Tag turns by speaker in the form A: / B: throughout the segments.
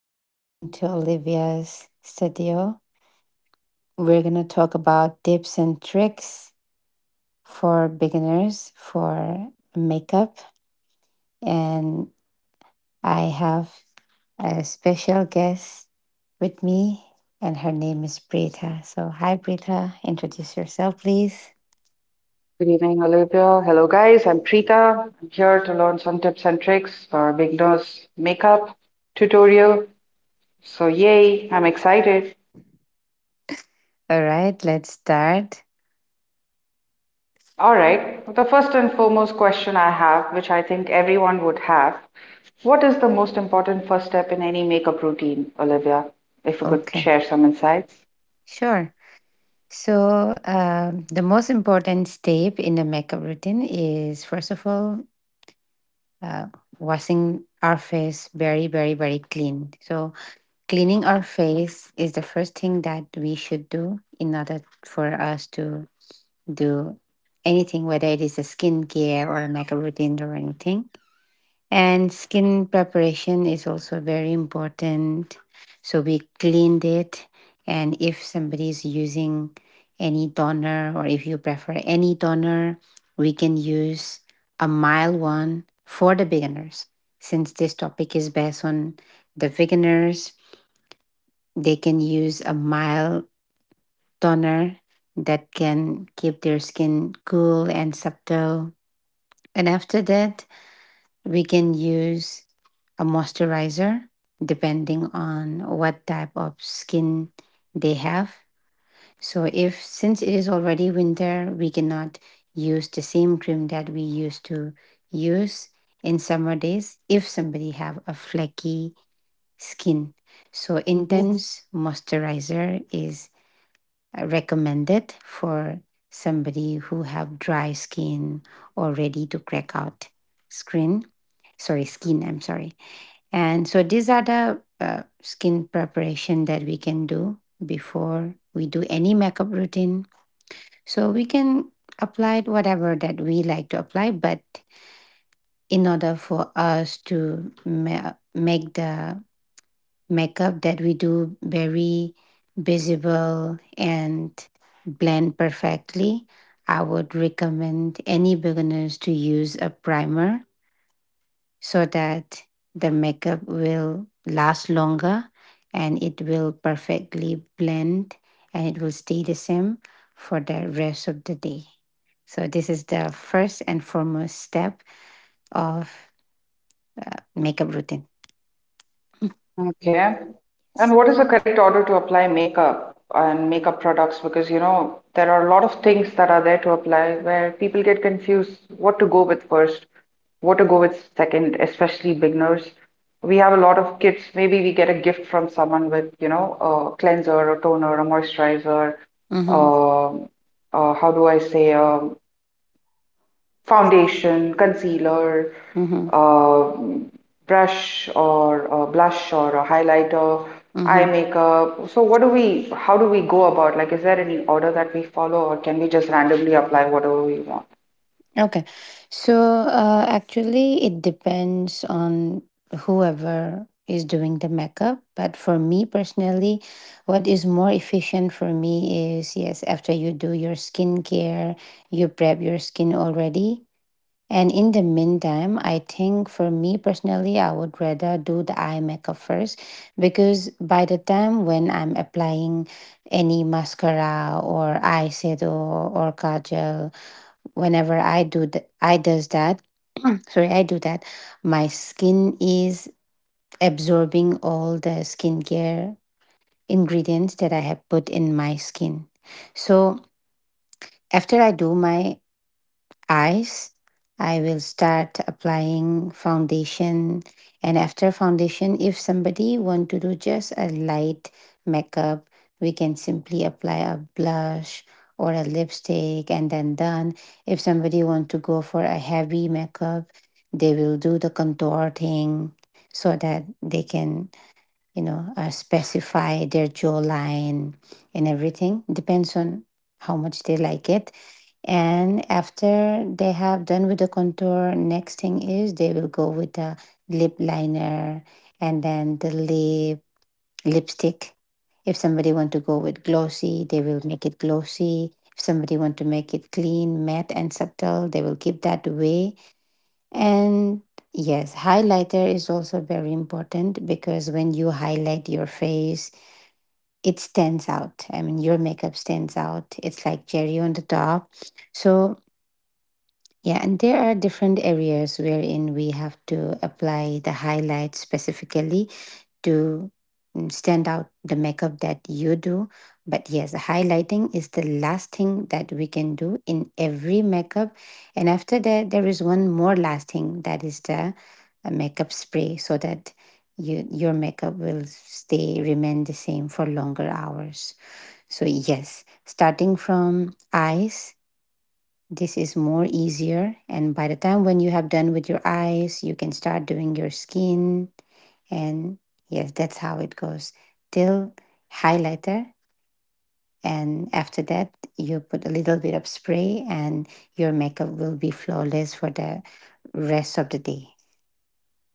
A: and welcome to Olivia's studio. We're going to talk about tips and tricks for beginners for makeup. And I have a special guest with me, and her name is Brita. So, hi, Brita. Introduce yourself, please.
B: Good evening, Olivia. Hello, guys. I'm Preeta. I'm here to learn some tips and tricks for beginners makeup tutorial. So, yay, I'm excited.
A: All right, let's start.
B: All right, the first and foremost question I have, which I think everyone would have, what is the most important first step in any makeup routine, Olivia? If you could
A: Okay,
B: share some insights.
A: sure. So, the most important step in the makeup routine is, first of all, uh, washing our face very, very, very clean. So, cleaning our face is the first thing that we should do in order for us to do anything, whether it is a skincare or a makeup routine or anything. And skin preparation is also very important. So we cleaned it. And if somebody is using any toner, or if you prefer any toner, we can use a mild one for the beginners. Since this topic is based on the beginners, they can use a mild toner that can keep their skin cool and subtle. And after that, we can use a moisturizer depending on what type of skin they have. So, if since it is already winter, we cannot use the same cream that we used to use in summer days if somebody have a flaky skin. So
B: Mm-hmm.
A: intense moisturizer is recommended for somebody who have dry skin or ready to crack out skin, sorry, skin, I'm sorry. And so these are the skin preparation that we can do before we do any makeup routine. So we can apply whatever that we like to apply, but in order for us to make the makeup that we do very visible and blend perfectly, I would recommend any beginners to use a primer so that the makeup will last longer, and it will perfectly blend, and it will stay the same for the rest of the day. So this is the first and foremost step of makeup routine.
B: Okay.
A: Yes.
B: And what is the correct order to apply makeup and makeup products? Because, you know, there are a lot of things that are there to apply where people get confused what to go with first, what to go with second, especially beginners. We have a lot of kits. Maybe we get a gift from someone with, you know, a cleanser, a toner, a moisturizer,
A: Mm-hmm.
B: uh, how do I say, foundation, concealer,
A: Mm-hmm.
B: uh, brush or a blush or a highlighter, eye
A: Mm-hmm.
B: makeup. So how do we go about? Like, is there any order that we follow or can we just randomly apply whatever we want?
A: Okay. So, actually, it depends on whoever is doing the makeup. But for me personally, what is more efficient for me is, yes, after you do your skincare, you prep your skin already. And in the meantime, I think for me personally, I would rather do the eye makeup first, because by the time when I'm applying any mascara or eyeshadow or kajal, whenever I do I does that, sorry, I do that, my skin is absorbing all the skincare ingredients that I have put in my skin. So after I do my eyes, I will start applying foundation. And after foundation, if somebody want to do just a light makeup, we can simply apply a blush or a lipstick, and then done. If somebody want to go for a heavy makeup, they will do the contour thing so that they can, you know, specify their jawline and everything. Depends on how much they like it. And after they have done with the contour, next thing is they will go with the lip liner and then the lip lipstick. If somebody want to go with glossy, they will make it glossy. If somebody want to make it clean, matte and subtle, they will keep that way. And yes, highlighter is also very important, because when you highlight your face, it stands out. I mean, your makeup stands out. It's like cherry on the top. So, yeah, and there are different areas wherein we have to apply the highlight specifically to stand out the makeup that you do. But yes, highlighting is the last thing that we can do in every makeup. And after that, there is one more last thing, that is the makeup spray, so that you, your makeup will stay, remain the same for longer hours. So, yes, starting from eyes, this is more easier. And by the time when you have done with your eyes, you can start doing your skin. And yes, that's how it goes till highlighter. And after that, you put a little bit of spray, and your makeup will be flawless for the rest of the day.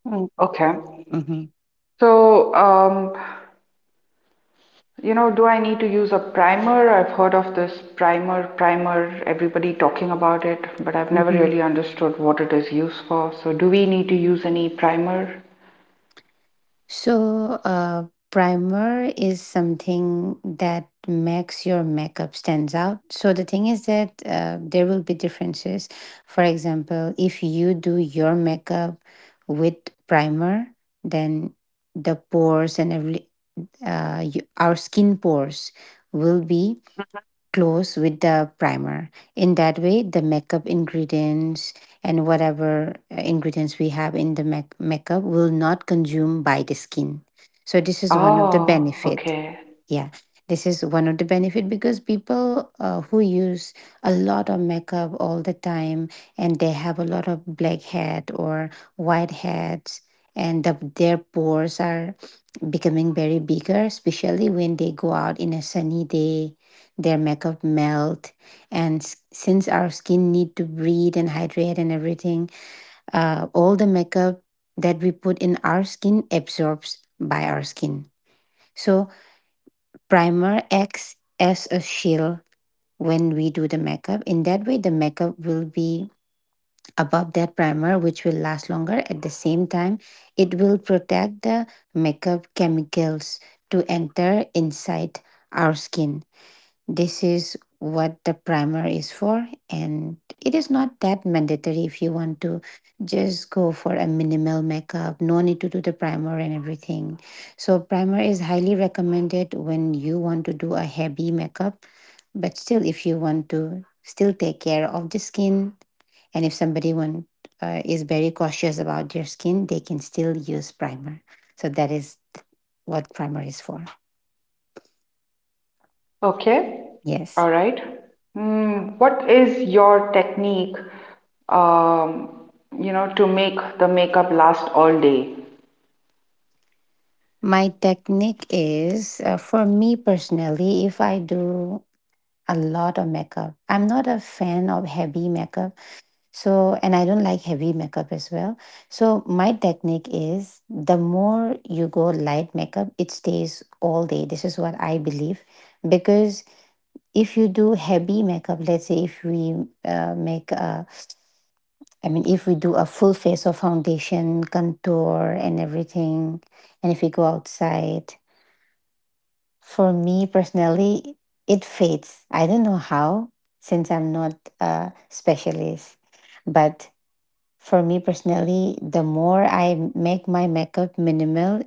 B: Okay. So, you know, do I need to use a primer? I've heard of this primer, everybody talking about it, but I've never
A: Mm-hmm.
B: really understood what it is used for. So, do we need to use any primer?
A: So, primer is something that makes your makeup stands out. So the thing is that there will be differences. For example, if you do your makeup with primer, then the pores and our skin pores will be close with the primer. In that way, the makeup ingredients and whatever ingredients we have in the makeup will not consume by the skin. So this is one of the
B: Oh,
A: benefit.
B: okay.
A: Yeah, this is one of the benefit, because people who use a lot of makeup all the time and they have a lot of blackhead or white heads, and their pores are becoming very bigger, especially when they go out in a sunny day, their makeup melt, and since our skin need to breathe and hydrate and everything, all the makeup that we put in our skin absorbs by our skin. So primer acts as a shield when we do the makeup. In that way, the makeup will be above that primer, which will last longer, at the same time it will protect the makeup chemicals to enter inside our skin. This is what the primer is for. And it is not that mandatory. If you want to just go for a minimal makeup, no need to do the primer and everything. So primer is highly recommended when you want to do a heavy makeup, but still, if you want to still take care of the skin, and if somebody is very cautious about their skin, they can still use primer. So that is what primer is for.
B: Okay.
A: Yes.
B: All right. What is your technique, um, you know, to make the makeup last all day?
A: My technique is, for me personally, if I do a lot of makeup, I'm not a fan of heavy makeup. So, and I don't like heavy makeup as well. So, my technique is, the more you go light makeup, it stays all day. This is what I believe, because if you do heavy makeup, let's say if we uh, make a, I mean, if we do a full face of foundation, contour, and everything, and if we go outside, for me personally, it fades. I don't know how, since I'm not a specialist, but for me personally, the more I make my makeup minimal,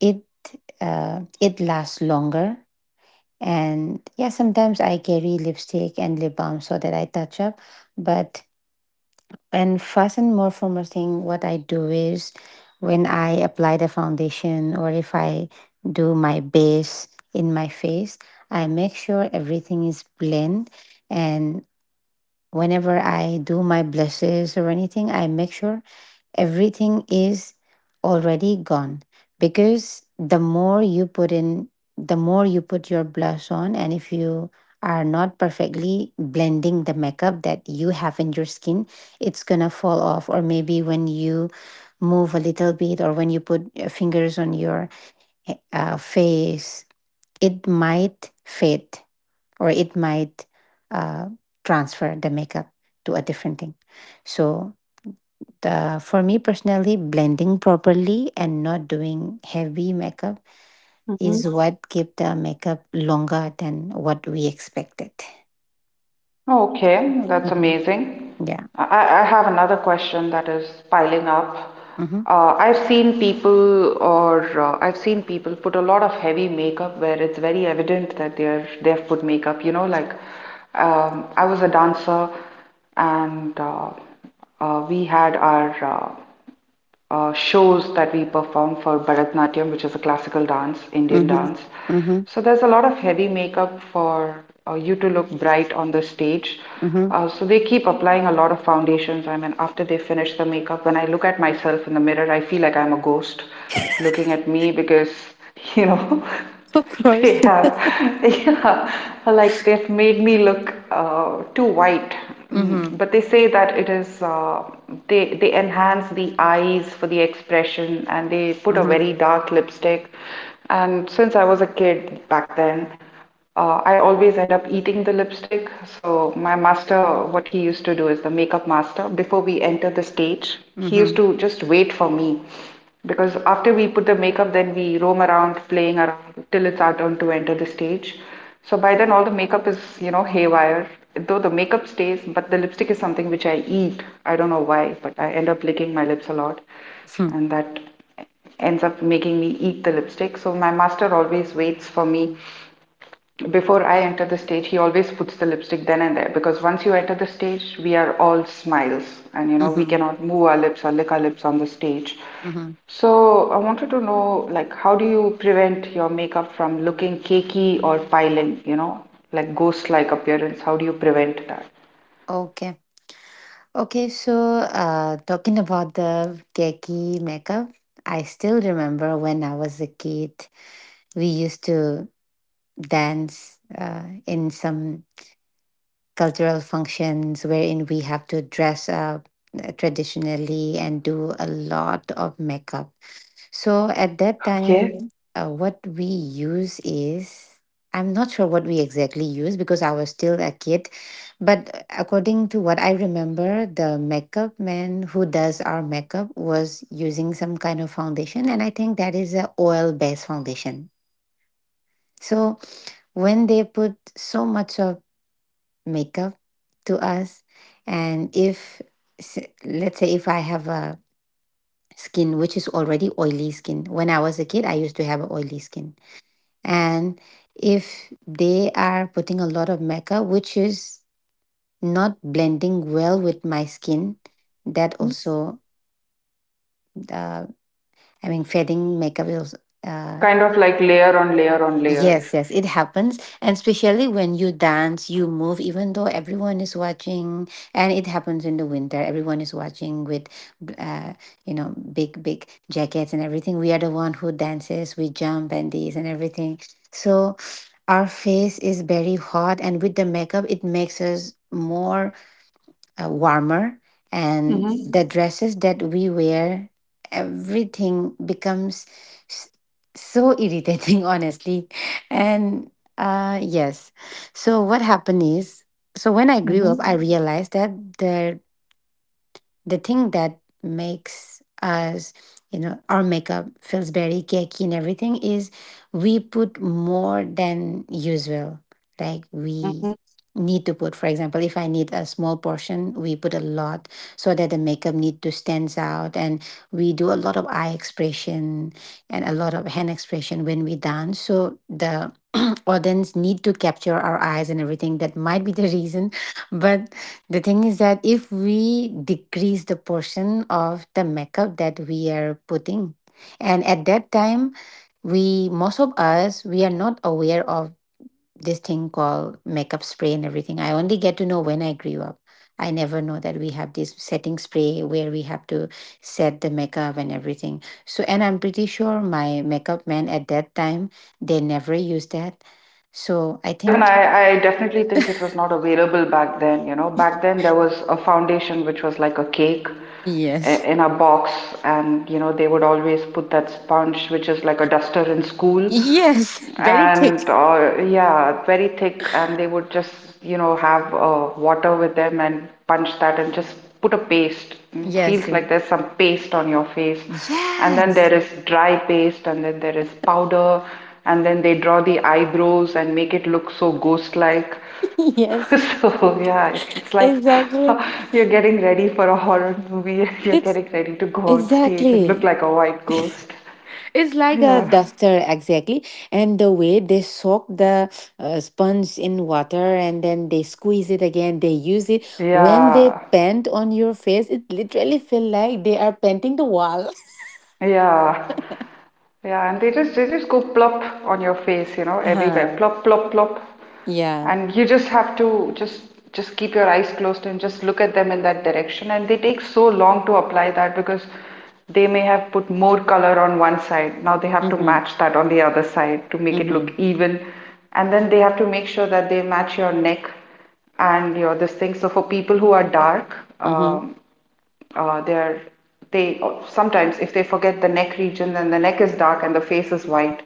A: it it lasts longer. And yeah, sometimes I carry lipstick and lip balm so that I touch up. But, and first and more formal thing, what I do is when I apply the foundation, or if I do my base in my face, I make sure everything is blend. And whenever I do my blushes or anything, I make sure everything is already gone, because the more you put in, the more you put your blush on, and if you are not perfectly blending the makeup that you have in your skin, it's gonna fall off, or maybe when you move a little bit or when you put your fingers on your face, it might fade, or it might uh, transfer the makeup to a different thing. So, for me personally, blending properly and not doing heavy makeup is what give the makeup longer than what we expected.
B: Okay, that's
A: Hmm.
B: amazing.
A: Yeah.
B: I have another question that is piling up.
A: Mm-hmm.
B: I've seen people put a lot of heavy makeup where it's very evident that they've put makeup. You know, like I was a dancer, and we had our uh, shows that we perform for Bharatanatyam, which is a classical dance, Indian
A: Mm-hmm.
B: dance.
A: Mm-hmm.
B: So there's a lot of heavy makeup for you to look bright on the stage.
A: Mm-hmm.
B: So they keep applying a lot of foundations. I mean, after they finish the makeup, when I look at myself in the mirror, I feel like I'm a ghost looking at me because, you know,
A: Of course.
B: They have, yeah, like they've made me look too white.
A: Mm-hmm.
B: But they say that it is uh, they enhance the eyes for the expression, and they put a
A: Mm-hmm.
B: very dark lipstick. And since I was a kid back then, I always end up eating the lipstick. So, my master, what he used to do is the makeup master, before we enter the stage, he used
A: Mm-hmm.
B: to just wait for me. Because after we put the makeup, then we roam around playing around till it's our turn to enter the stage. So, by then, all the makeup is, you know, haywire. Though the makeup stays, but the lipstick is something which I eat. I don't know why, but I end up licking my lips a lot. And that ends up making me eat the lipstick. So my master always waits for me before I enter the stage, he always puts the lipstick then and there because once you enter the stage, we are all smiles and you know, we
A: Mm-hmm.
B: cannot move our lips or lick our lips on the stage.
A: Mm-hmm.
B: So I wanted to know, like, how do you prevent your makeup from looking cakey or piling, you know, like ghost-like appearance? How do you prevent that?
A: Okay. Okay. So, talking about the cakey makeup, I still remember when I was a kid, we used to dance in some cultural functions wherein we have to dress up traditionally and do a lot of makeup. So at that
B: Okay.
A: time, what we use is, I'm not sure what we exactly use because I was still a kid, but according to what I remember, the makeup man who does our makeup was using some kind of foundation, and I think that is a oil based foundation. So when they put so much of makeup to us, and if s- let's say if I have a skin which is already oily skin, when I was a kid I used to have a oily skin, and if they are putting a lot of makeup which is not blending well with my skin, that also uh, I mean fading makeup is, uh,
B: Kind of like layer on layer on layer.
A: yes, yes, it happens. And especially when you dance, you move, even though everyone is watching. And it happens in the winter. Everyone is watching with, uh, big, big jackets and everything. We are the one who dances, we jump and these and everything. So our face is very hot. And with the makeup, it makes us more warmer, and
B: Mm-hmm.
A: the dresses that we wear, everything becomes s- so irritating honestly. And yes So what happened is, when I grew up I
B: Mm-hmm.
A: realized that the the thing that makes us, our makeup feels very cakey and everything is we put more than usual. Like we
B: Mm-hmm.
A: need to put, for example, if I need a small portion we put a lot, so that the makeup need to stands out. And we do a lot of eye expression and a lot of hand expression when we dance, so the audience need to capture our eyes and everything. That might be the reason, but the thing is that if we decrease the portion of the makeup that we are putting, and at that time, we most of us we are not aware of this thing called makeup spray and everything. I only get to know when I grew up. I never know that we have this setting spray where we have to set the makeup and everything. So, and I'm pretty sure my makeup men at that time, they never used that. So, I
B: Yeah, even
A: think.
B: I definitely think it was not available back then. You know, back then there was a foundation which was like a cake I-
A: Yes,
B: in a box, and you know, they would always put that sponge, which is like a duster in school,
A: yes, very thick.
B: and yeah, very thick, and they would just, you know, have water with them and punch that and just put a paste. It
A: Yes,
B: feels
A: yes.
B: like there's some paste on your face and then there
A: Yes.
B: is dry paste, and then there is powder, and then they draw the eyebrows and make it look so ghost like.
A: Yes.
B: So, yeah, it's like
A: Exactly.
B: you're getting ready for a horror movie and you're
A: It's
B: getting ready to go on stage and look
A: exactly.
B: like a white ghost.
A: It's like a
B: Yeah.
A: duster, exactly. And the way they soak the sponge in water and then they squeeze it again, they use it. When they
B: Yeah.
A: paint on your face, it literally feel like they are painting the wall.
B: Yeah. Yeah, and they just go plop on your face, you know, everywhere.
A: Uh-huh.
B: Plop, plop, plop.
A: Yeah.
B: And you just have to just keep your eyes closed and just look at them in that direction. And they take so long to apply that because they may have put more color on one side. Now they have to
A: Mm-hmm.
B: match that on the other side to make it look
A: Mm-hmm.
B: even. And then they have to make sure that they match your neck and your this thing. So for people who are dark,
A: Mm-hmm.
B: they're they sometimes if they forget the neck region then the neck is dark and the face is white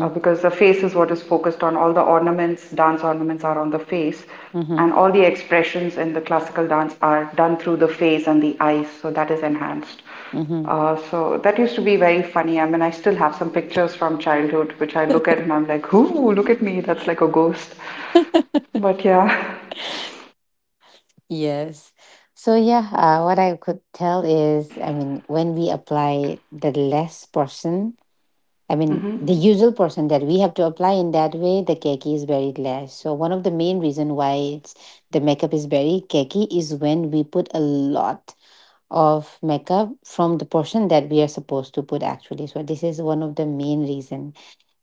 B: because the face is what is focused on all the ornaments dance ornaments are on the face
A: Mm-hmm.
B: and all the expressions in the classical dance are done through the face and the eyes so that is enhanced.
A: Mm-hmm.
B: So that used to be very funny. I mean, I still have some pictures from childhood which I look at and I'm like, ooh, look at me, that's like a ghost. But yeah.
A: Yes. So yeah, what I could tell is, I mean, when we apply the less portion, I mean, the
B: Mm-hmm.
A: usual portion that we have to apply in that way, the cakey is very less. So one of the main reason why the makeup is very cakey is when we put a lot of makeup from the portion that we are supposed to put actually. So this is one of the main reason,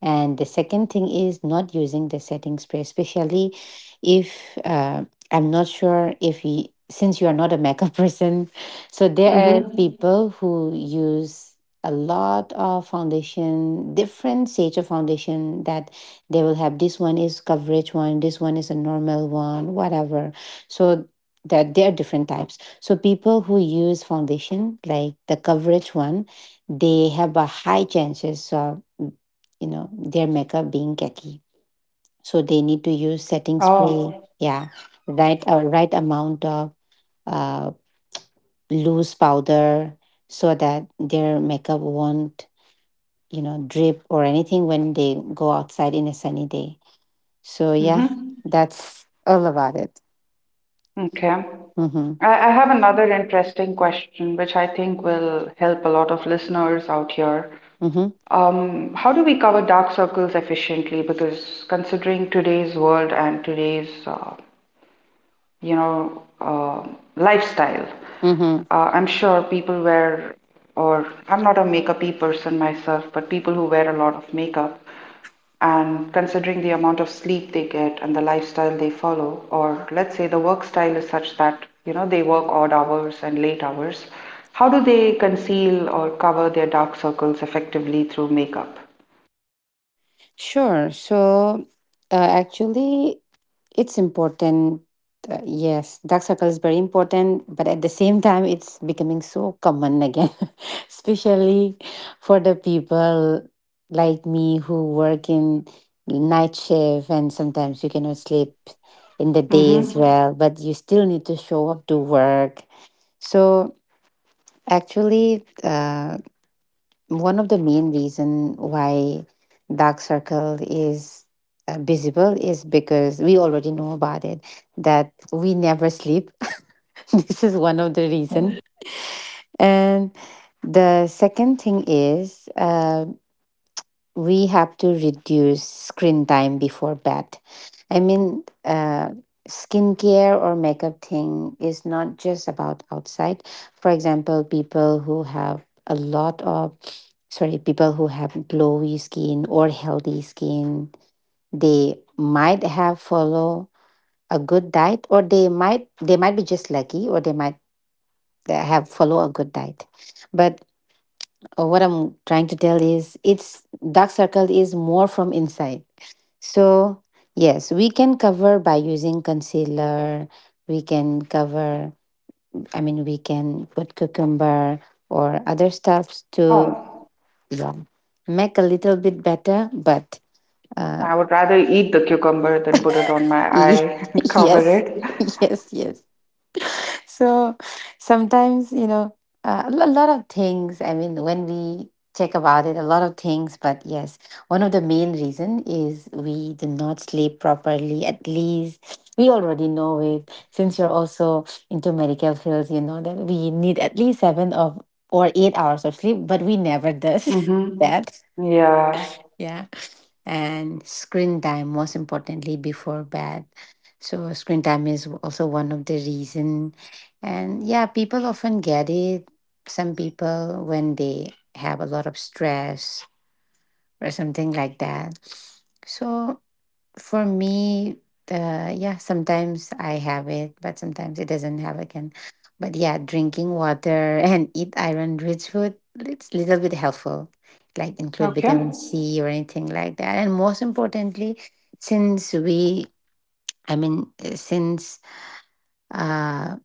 A: and the second thing is not using the setting spray. Especially, if I'm not sure if you, since you are not a makeup person, so there are
B: Mm-hmm.
A: people who use a lot of foundation, different shades of foundation, that they will have, this one is coverage one, this one is a normal one, whatever. So that there are different types. So people who use foundation, like the coverage one, they have a high chances of, you know, their makeup being cakey. So they need to use setting spray,
B: Oh.
A: yeah, right right amount of uh, loose powder, so that their makeup won't, you know, drip or anything when they go outside in a sunny day. So yeah,
B: Mm-hmm.
A: that's all about it.
B: Okay.
A: Mm-hmm.
B: I have another interesting question, which I think will help a lot of listeners out here.
A: Mm-hmm.
B: How do we cover dark circles efficiently? Because considering today's world and today's you know, lifestyle.
A: Mm-hmm.
B: I'm sure people wear, or I'm not a makeupy person myself, but people who wear a lot of makeup, and considering the amount of sleep they get and the lifestyle they follow, or let's say the work style is such that you know they work odd hours and late hours, how do they conceal or cover their dark circles effectively through makeup?
A: Sure. So actually, it's important. Yes, dark circle is very important, but at the same time, it's becoming so common again, especially for the people like me who work in night shift, and sometimes you cannot sleep in the day as
B: Mm-hmm.
A: well, but you still need to show up to work. So actually, one of the main reason why dark circle is visible is because we already know about it, that we never sleep. This is one of the
B: Yeah.
A: reason, and the second thing is, we have to reduce screen time before bed. I mean, skincare or makeup thing is not just about outside. For example, people who have a lot of, sorry, people who have glowy skin or healthy skin, they might have follow a good diet, or they might be just lucky, or they might have follow a good diet. But what I'm trying to tell is, it's dark circle is more from inside. So, yes, we can cover by using concealer. We can cover, I mean, we can put cucumber or other stuffs to,
B: Oh.
A: yeah, make a little bit better. But uh,
B: I would rather eat the cucumber than put it on my eye and cover
A: yes,
B: it.
A: yes, yes. So sometimes, you know, a lot of things. I mean, when we check about it, a lot of things. But yes, one of the main reason is we do not sleep properly. At least we already know it. Since you're also into medical fields, you know that we need at least seven of or 8 hours of sleep, but we never does
B: Mm-hmm.
A: that.
B: Yeah.
A: Yeah, and screen time most importantly before bed. So screen time is also one of the reason. And yeah, people often get it, some people when they have a lot of stress or something like that. So for me, yeah, sometimes I have it, but sometimes it doesn't have again. But yeah, drinking water and eat iron-rich food, it's a little bit helpful, like include
B: Okay.
A: vitamin C or anything like that. And most importantly, since we, I mean, since uh,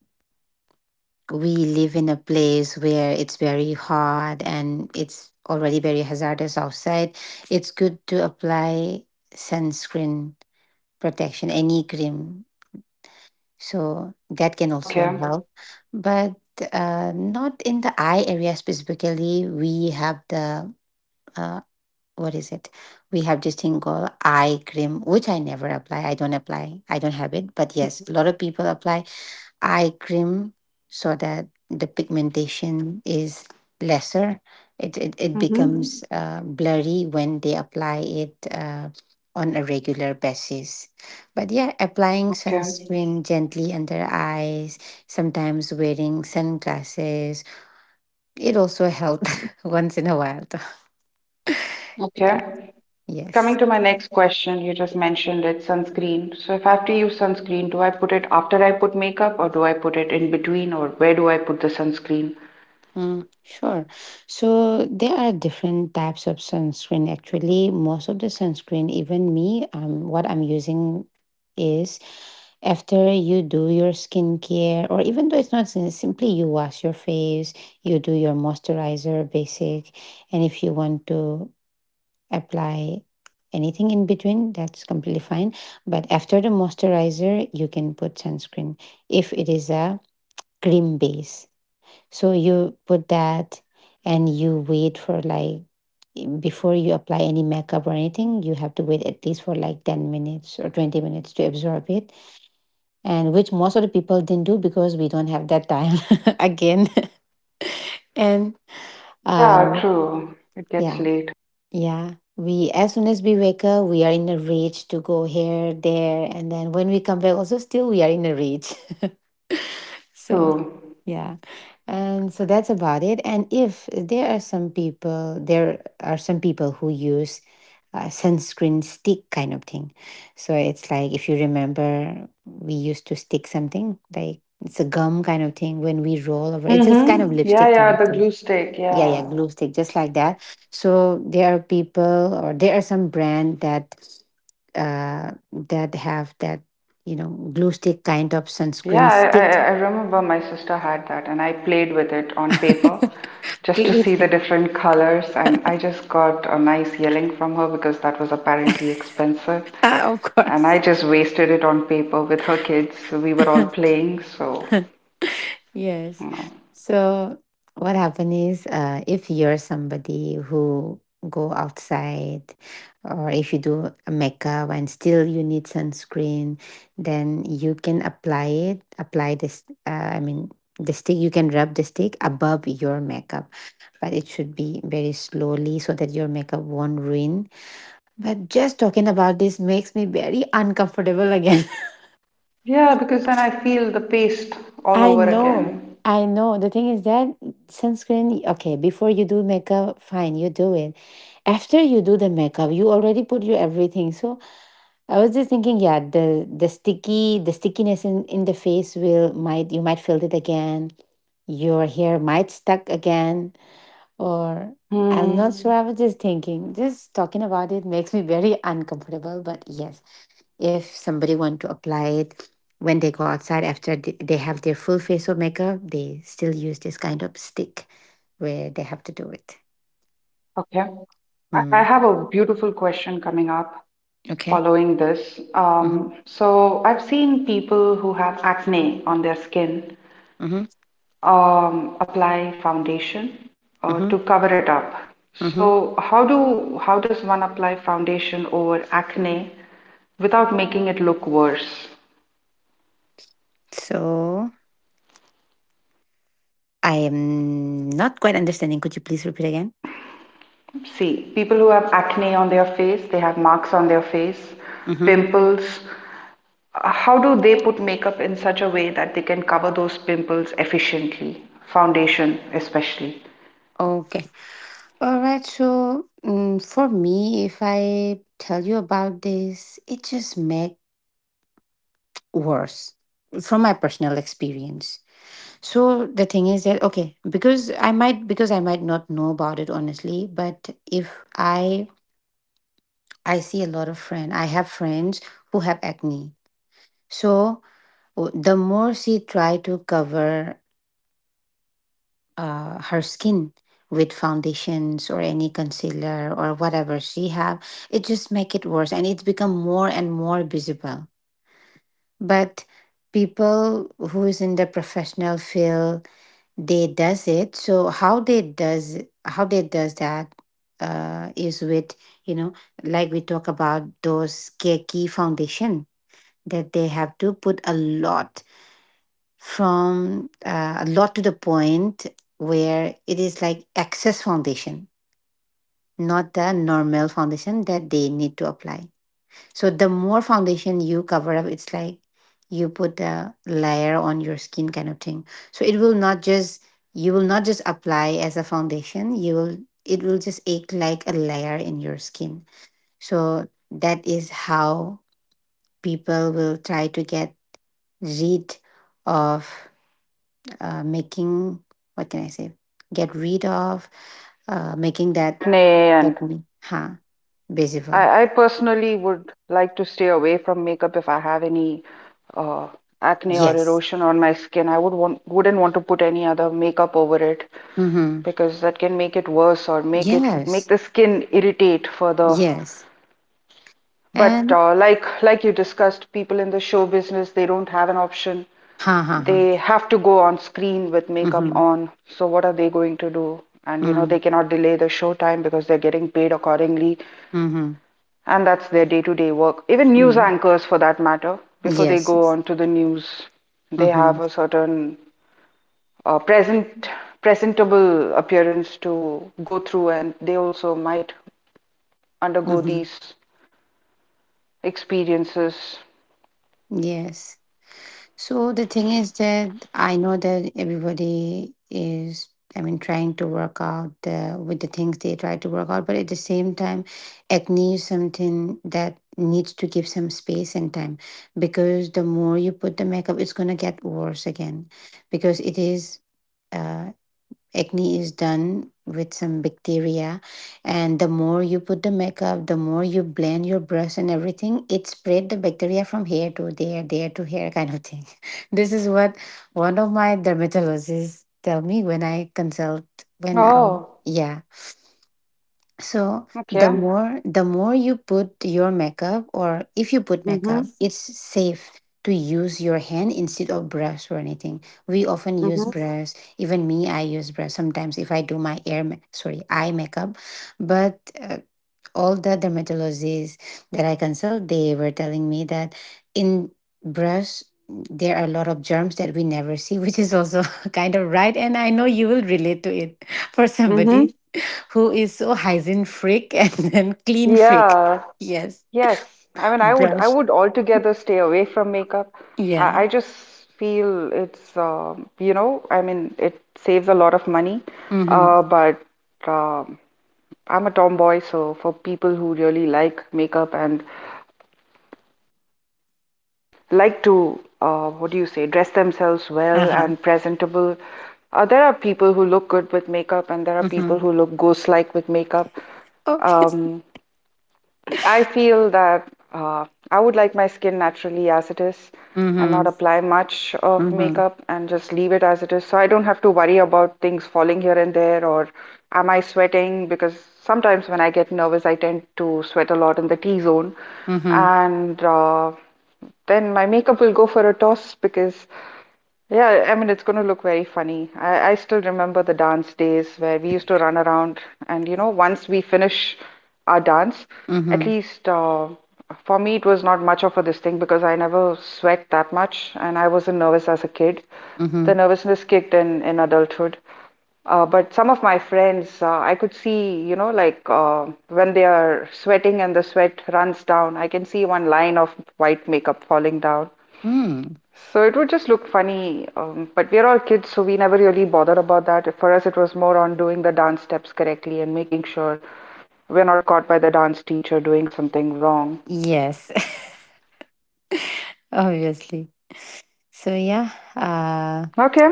A: we live in a place where it's very hot and it's already very hazardous outside, it's good to apply sunscreen protection, any cream. So that can also
B: Okay.
A: help. But not in the eye area specifically. We have the, uh, what is it? We have this thing called eye cream, which I never apply. I don't apply. I don't have it. But yes, a lot of people apply eye cream so that the pigmentation is lesser. It
B: Mm-hmm.
A: becomes blurry when they apply it on a regular basis. But yeah, applying
B: Okay.
A: sunscreen gently under eyes, sometimes wearing sunglasses, it also helps once in a while. Yeah,
B: Okay.
A: yes.
B: Coming to my next question, you just mentioned it, sunscreen. So if I have to use sunscreen, do I put it after I put makeup or do I put it in between or where do I put the sunscreen?
A: Mm, sure. So there are different types of sunscreen. Actually, most of the sunscreen, even me, what I'm using is, after you do your skincare, or even though it's not simply you wash your face, you do your moisturizer basic, and if you want to apply anything in between, that's completely fine. But after the moisturizer, you can put sunscreen. If it is a cream base, so you put that and you wait for like, before you apply any makeup or anything, you have to wait at least for like 10 minutes or 20 minutes to absorb it. And which most of the people didn't do because we don't have that time again. and
B: Yeah,
A: um
B: true. It gets
A: yeah,
B: late.
A: yeah. We, as soon as we wake up, we are in a rage to go here, there, and then when we come back also still we are in a rage. So
B: True.
A: yeah. And so that's about it. And if there are some people, there are some people who use sunscreen stick kind of thing. So it's like, if you remember, we used to stick something like, it's a gum kind of thing when we roll over. It's just kind of
B: Mm-hmm. Yeah,
A: lipstick kind
B: yeah,
A: of
B: the
A: thing.
B: glue stick,
A: Yeah, yeah,
B: yeah.
A: glue stick, just like that. So there are people, or there are some brand that that have that, you know, glue stick kind of sunscreen
B: Yeah, I, I,
A: stick.
B: I remember my sister had that, and I played with it on paper just to see
A: Please.
B: the different colors. And I just got a nice yelling from her because that was apparently expensive.
A: Ah, of
B: And I
A: course.
B: just wasted it on paper with her kids. We were all playing, so
A: Yes.
B: you know.
A: So what happened is, if you're somebody who go outside or if you do a makeup and still you need sunscreen, then you can apply it, apply this I mean the stick, you can rub the stick above your makeup, but it should be very slowly so that your makeup won't ruin. But just talking about this makes me very uncomfortable again.
B: Yeah, because then I feel the paste all
A: I
B: over
A: know,
B: again.
A: I know. The thing is that sunscreen, okay, before you do makeup, fine, you do it. After you do the makeup, you already put your everything. So I was just thinking, yeah, the sticky, the stickiness in the face will, might, you might feel it again. Your hair might stuck again, or I'm not
B: Hmm.
A: sure. I was just thinking, just talking about it makes me very uncomfortable. But yes, if somebody want to apply it when they go outside, after they have their full face of makeup, they still use this kind of stick where they have to do it.
B: Okay. I
A: Mm.
B: I have a beautiful question coming up
A: Okay.
B: following this.
A: Mm-hmm.
B: So I've seen people who have acne on their skin
A: Mm-hmm.
B: apply foundation
A: Mm-hmm.
B: to cover it up.
A: Mm-hmm.
B: So how does one apply foundation over acne without making it look worse?
A: So I am not quite understanding, could you please repeat again.
B: See, people who have acne on their face, they have marks on their face,
A: Mm-hmm.
B: pimples. How do they put makeup in such a way that they can cover those pimples efficiently? Foundation, especially.
A: Okay, all right. So mm, for me, if I tell you about this, it just make worse, from my personal experience. So the thing is that, okay, because I might not know about it honestly, but if I I see a lot of friends, I have friends who have acne. So the more she try to cover her skin with foundations or any concealer or whatever she have, it just make it worse and it's become more and more visible. But people who is in the professional field, they does it. So how they does, how they does that is with, you know, like we talk about those key key foundation, that they have to put a lot, from a lot to the point where it is like excess foundation, not the normal foundation that they need to apply. So the more foundation you cover up, it's like you put a layer on your skin kind of thing. So it will not just, you will not just apply as a foundation. You will It will just act like a layer in your skin. So that is how people will try to get rid of making, what can I say? Get rid of making
B: The
A: that
B: acne and
A: acne, huh? Visible.
B: I personally would like to stay away from makeup if I have any uh, acne or
A: Yes.
B: erosion on my skin. I wouldn't want to put any other makeup over it
A: Mm-hmm.
B: because that can make it worse or make
A: Yes.
B: the skin irritate further.
A: Yes.
B: But
A: And
B: like you discussed, people in the show business, they don't have an option.
A: ha ha ha.
B: They have to go on screen with makeup
A: Mm-hmm.
B: on. So what are they going to do? And you know,
A: Mm,
B: they cannot delay the show time because they're getting paid accordingly,
A: mm-hmm.
B: and that's their day-to-day work. Even news
A: Mm.
B: anchors, for that matter, before they
A: Yes,
B: go
A: yes.
B: on to the news, they have
A: Mm-hmm.
B: a certain uh, present presentable appearance to go through, and they also might undergo
A: Mm-hmm.
B: these experiences.
A: Yes. So the thing is that, I know that everybody is, I mean, trying to work out the, with the things they try to work out, but at the same time, acne is something that needs to give some space and time, because the more you put the makeup, it's gonna get worse again, because it is. uh. Acne is done with some bacteria, and the more you put the makeup, the more you blend your brush and everything, it spread the bacteria from here to there, there to here, kind of thing. This is what one of my dermatologists tell me when I consult, when I,
B: Oh,
A: yeah. So
B: okay.
A: the more you put your makeup, or if you put
B: Mm-hmm,
A: makeup, it's safe to use your hand instead of brush or anything. We often use
B: mm-hmm,
A: brush. Even me, I use brush sometimes if I do my sorry eye makeup. But all the dermatologists that I consult, they were telling me that in brush there are a lot of germs that we never see, which is also kind of right. And I know you will relate to it for
B: mm-hmm.
A: somebody who is so hygiene freak and then clean freak.
B: Yeah,
A: Yes,
B: yes. I mean, I
A: brush.
B: would altogether stay away from makeup.
A: Yeah.
B: I just feel it's, you know, I mean, it saves a lot of money.
A: Mm-hmm.
B: But um I'm a tomboy, so for people who really like makeup and like to, what do you say, dress themselves
A: Uh
B: well
A: huh.
B: and presentable, there are people who look good with makeup, and there are people
A: Mm-hmm.
B: who look ghost-like with makeup.
A: Okay.
B: Um, I feel that I would like my skin naturally as it is and
A: Mm-hmm.
B: not apply much of
A: Mm-hmm.
B: makeup and just leave it as it is. So I don't have to worry about things falling here and there or am I sweating? Because sometimes when I get nervous, I tend to sweat a lot in the T zone.
A: Mm-hmm.
B: And then my makeup will go for a toss because, yeah, I mean, it's going to look very funny. I still remember the dance days where we used to run around, and you know, once we finish our dance, at
A: Mm-hmm.
B: least for me, it was not much of a this thing because I never sweat that much, and I wasn't nervous as a kid. The
A: Mm-hmm.
B: nervousness kicked in adulthood. But some of my friends, I could see, you know, like when they are sweating and the sweat runs down, I can see one line of white makeup falling down.
A: Mm.
B: So it would just look funny. But we're all kids, so we never really bothered about that. For us, it was more on doing the dance steps correctly and making sure we're not caught by the dance teacher doing something wrong.
A: Yes. Obviously. So yeah. Uh.
B: Okay,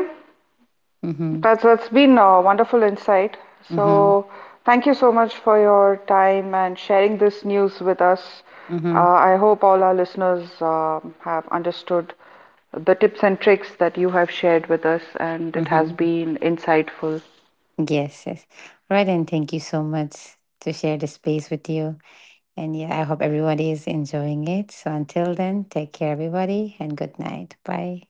A: Mm-hmm.
B: that's been a wonderful insight.
A: Mm-hmm.
B: So thank you so much for your time and sharing this news with us.
A: Mm-hmm.
B: I hope all our listeners have understood the tips and tricks that you have shared with us, and it has
A: Mm-hmm.
B: been insightful.
A: Yes. Yes. Right. And thank you so much to share the space with you. And yeah, I hope everybody is enjoying it. So until then, take care, everybody, and good night. Bye.